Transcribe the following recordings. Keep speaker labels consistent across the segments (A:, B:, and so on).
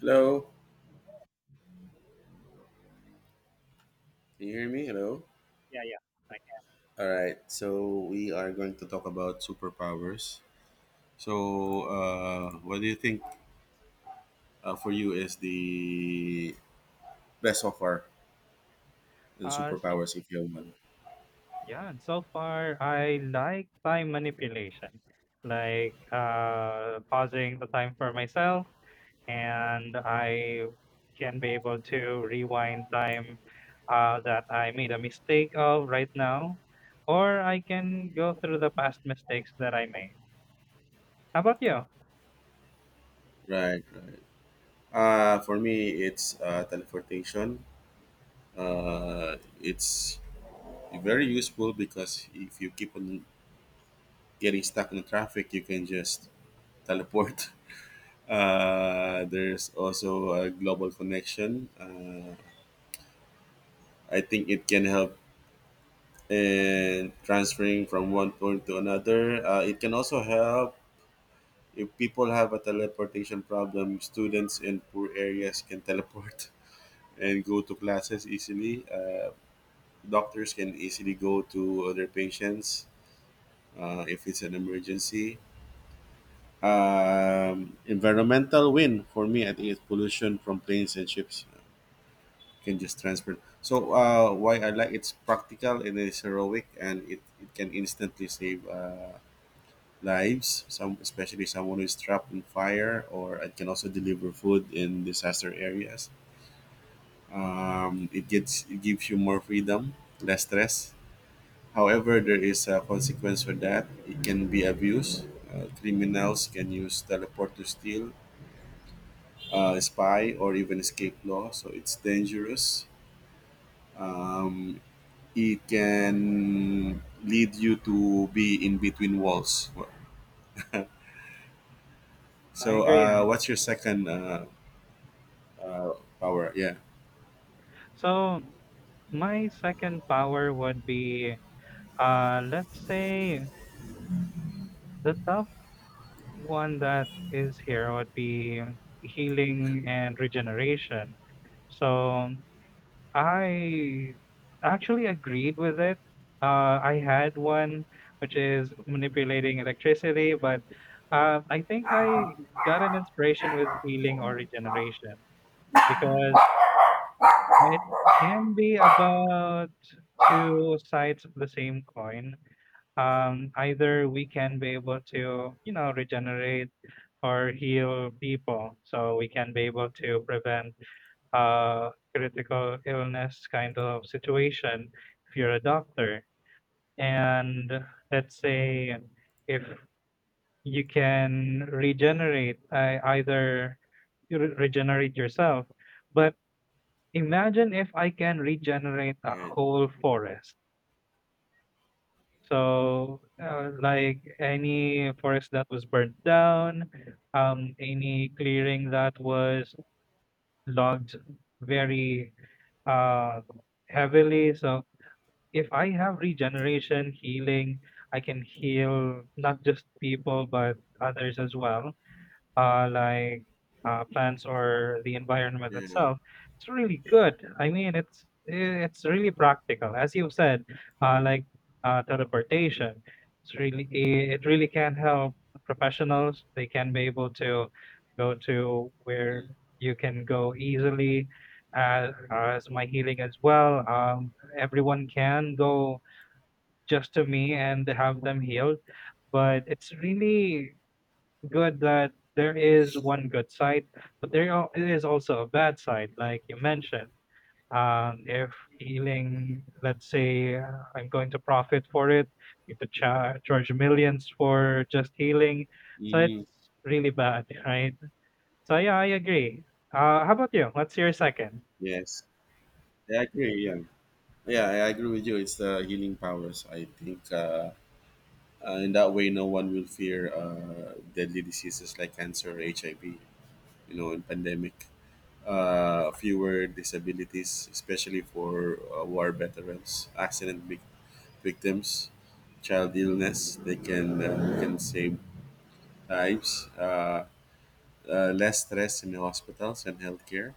A: Hello. Can you hear me? Hello.
B: Yeah, yeah. I can.
A: All right. So we are going to talk about superpowers. So, what do you think for you is the best so far in
B: So
A: superpowers if you have one?
B: yeah, so far I like time manipulation, like pausing the time for myself, and I can be able to rewind time that I made a mistake of right now, or I can go through the past mistakes that I made. How about you?
A: Right. Right. For me, it's teleportation. Uh, it's very useful because if you keep on getting stuck in traffic, you can just teleport. There's also a global connection. I think it can help in transferring from one point to another. It can also help if people have a teleportation problem. Students in poor areas can teleport and go to classes easily. Doctors can easily go to other patients if it's an emergency. Environmental win for me, I think it's pollution from planes and ships. Can just transfer. So why I like it's practical and it's heroic and it can instantly save lives. Some especially someone who's trapped in fire or it can also deliver food in disaster areas. It gets it gives you more freedom, less stress. However, there is a consequence for that. It can be abused. Criminals can use teleport to steal, spy, or even escape law. So it's dangerous. Um, it can lead you to be in between walls.
B: I
A: so,
B: agree
A: uh,
B: it.
A: what's your second uh, power? Yeah.
B: So my second power would be, let's say the thought one that is here would be healing and regeneration. So I actually agreed with it. I had one which is manipulating electricity, but I think I got an inspiration with healing or regeneration because it can be about two sides of the same coin, either we can be able to, you know, regenerate or heal people so we can be able to prevent critical illness kind of situation if you're a doctor. And let's say if you can regenerate, either you regenerate yourself, but imagine if I can regenerate a
A: Right.
B: whole forest. So, like any forest that was burnt down, any clearing that was logged very, uh, heavily. So if I have regeneration healing, I can heal not just people but others as well, like plants or the environment
A: Yeah.
B: itself. It's really good. I mean, it's really practical, as you said, like teleportation. It really can help professionals. They can be able to go to where you can go easily. As my healing as well, everyone can go just to me and have them healed, but it's really good that there is one good side, but there is also a bad side, like you mentioned. If healing, let's say, I'm going to profit for it, you could charge millions for just healing. So
A: Mm-hmm.
B: it's really bad, right? So yeah, I agree. How about you? What's your second?
A: Yes. Yeah, I agree. Yeah. Yeah, I agree with you. It's the healing powers. I think in that way, no one will fear deadly diseases like cancer or HIV, you know, in pandemic. Fewer disabilities, especially for war veterans, accident victims. victims, Child illness. They can save lives, less stress in the hospitals and healthcare.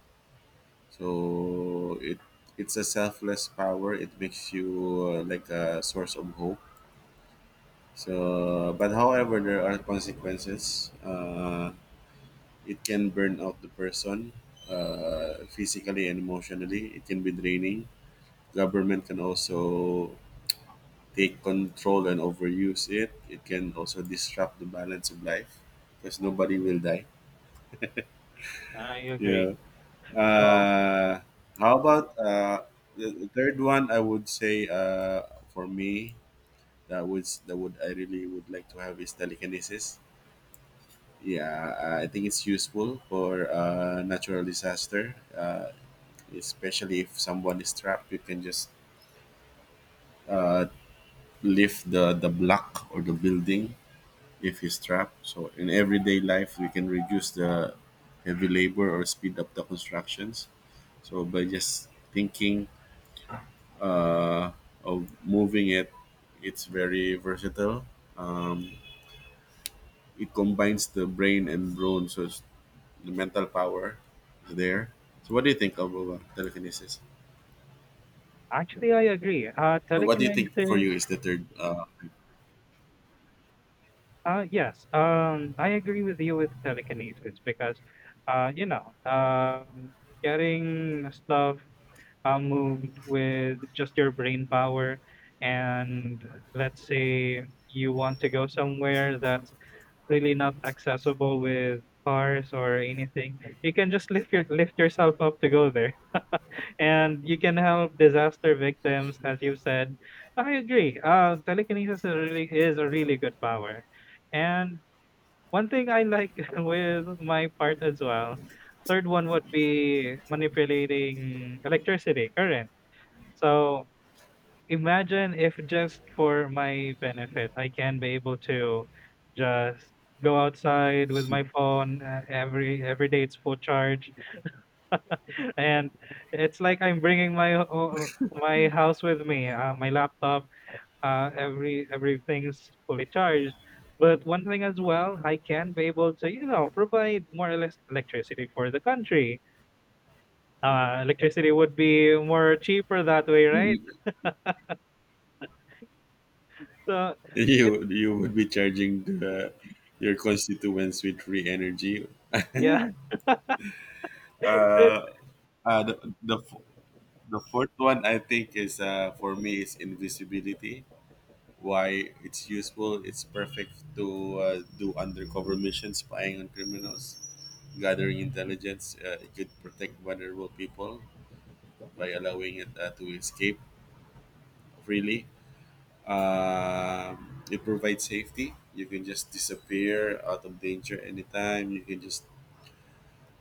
A: So it's a selfless power. It makes you like a source of hope. So, but however, there are consequences. It can burn out the person physically and emotionally. It can be draining. Government can also take control and overuse it, it can also disrupt the balance of life because nobody will die.
B: I agree.
A: Yeah.
B: So
A: Uh, how about the third one? I would say for me that would I really would like to have is telekinesis. Yeah, I think it's useful for natural disaster, especially if someone is trapped. You can just uh, lift the block or the building if he's trapped. So in everyday life, we can reduce the heavy labor or speed up the constructions. So by just thinking uh, of moving it, it's very versatile. Um, it combines the brain and brawn, so the mental power is there. So what do you think of telekinesis?
B: actually, I agree.
A: Or what do you think for you
B: Telekinesis.
A: is the third?
B: Yes, I agree with you with telekinesis because, you know, getting stuff moved with just your brain power, and let's say you want to go somewhere that's really not accessible with cars or anything, you can just lift yourself up to go there, and you can help disaster victims, as you said. I agree. Telekinesis is a really good power. And one thing I like with my part as well, third one would be manipulating electricity, current. So imagine if just for my benefit, I can be able to just go outside with my phone, uh, every day it's full charge and it's like I'm bringing my my house with me, my laptop, uh, everything is fully charged. But one thing as well, I can be able to, you know, provide more or less electricity for the country. Electricity would be more cheaper that way, right?
A: Y-
B: So
A: you would be charging your constituents with free energy.
B: yeah, then
A: Uh, Uh, the, the f- the fourth one I think is for me is invisibility. Why it's useful? It's perfect to do undercover missions, spying on criminals, gathering intelligence. It could protect vulnerable people by allowing it to escape freely. It provides safety. You can just disappear out of danger anytime. You can just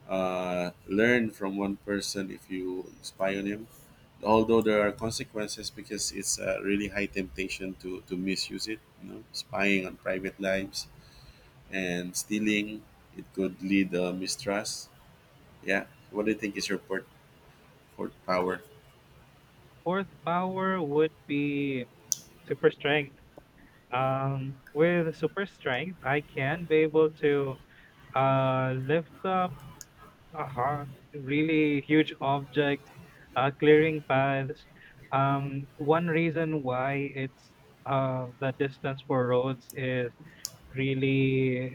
A: learn from one person if you spy on him, although there are consequences because it's a really high temptation to misuse it, you know, spying on private lives and stealing. It could lead mistrust. Yeah, what do you think is your port power?
B: fourth power would be super strength. With super strength, I can be able to lift up. Uh-huh. Really huge objects, clearing paths. One reason why it's the distance for roads is really,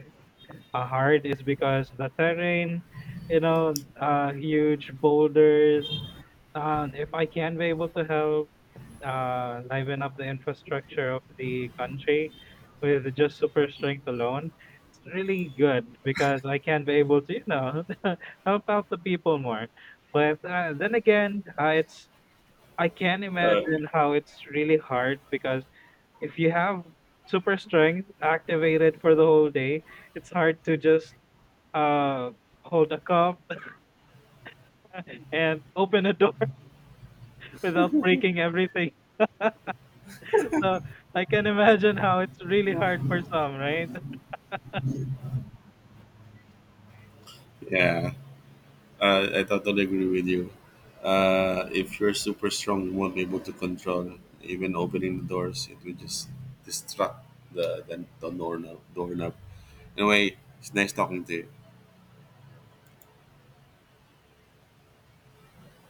B: hard is because the terrain, you know, huge boulders, if I can be able to help liven up the infrastructure of the country with just super strength alone, it's really good because I can be able to, you know, help out the people more. But then again, it's I can imagine how it's really hard because if you have super strength activated for the whole day, it's hard to just uh, hold a cup and open a door without breaking everything. So I can imagine how it's really hard for some, right?
A: Yeah. I totally agree with you. If you're super strong, you won't be able to control even opening the doors. It will just distract the doorknob, doorknob. Anyway, it's nice talking to you.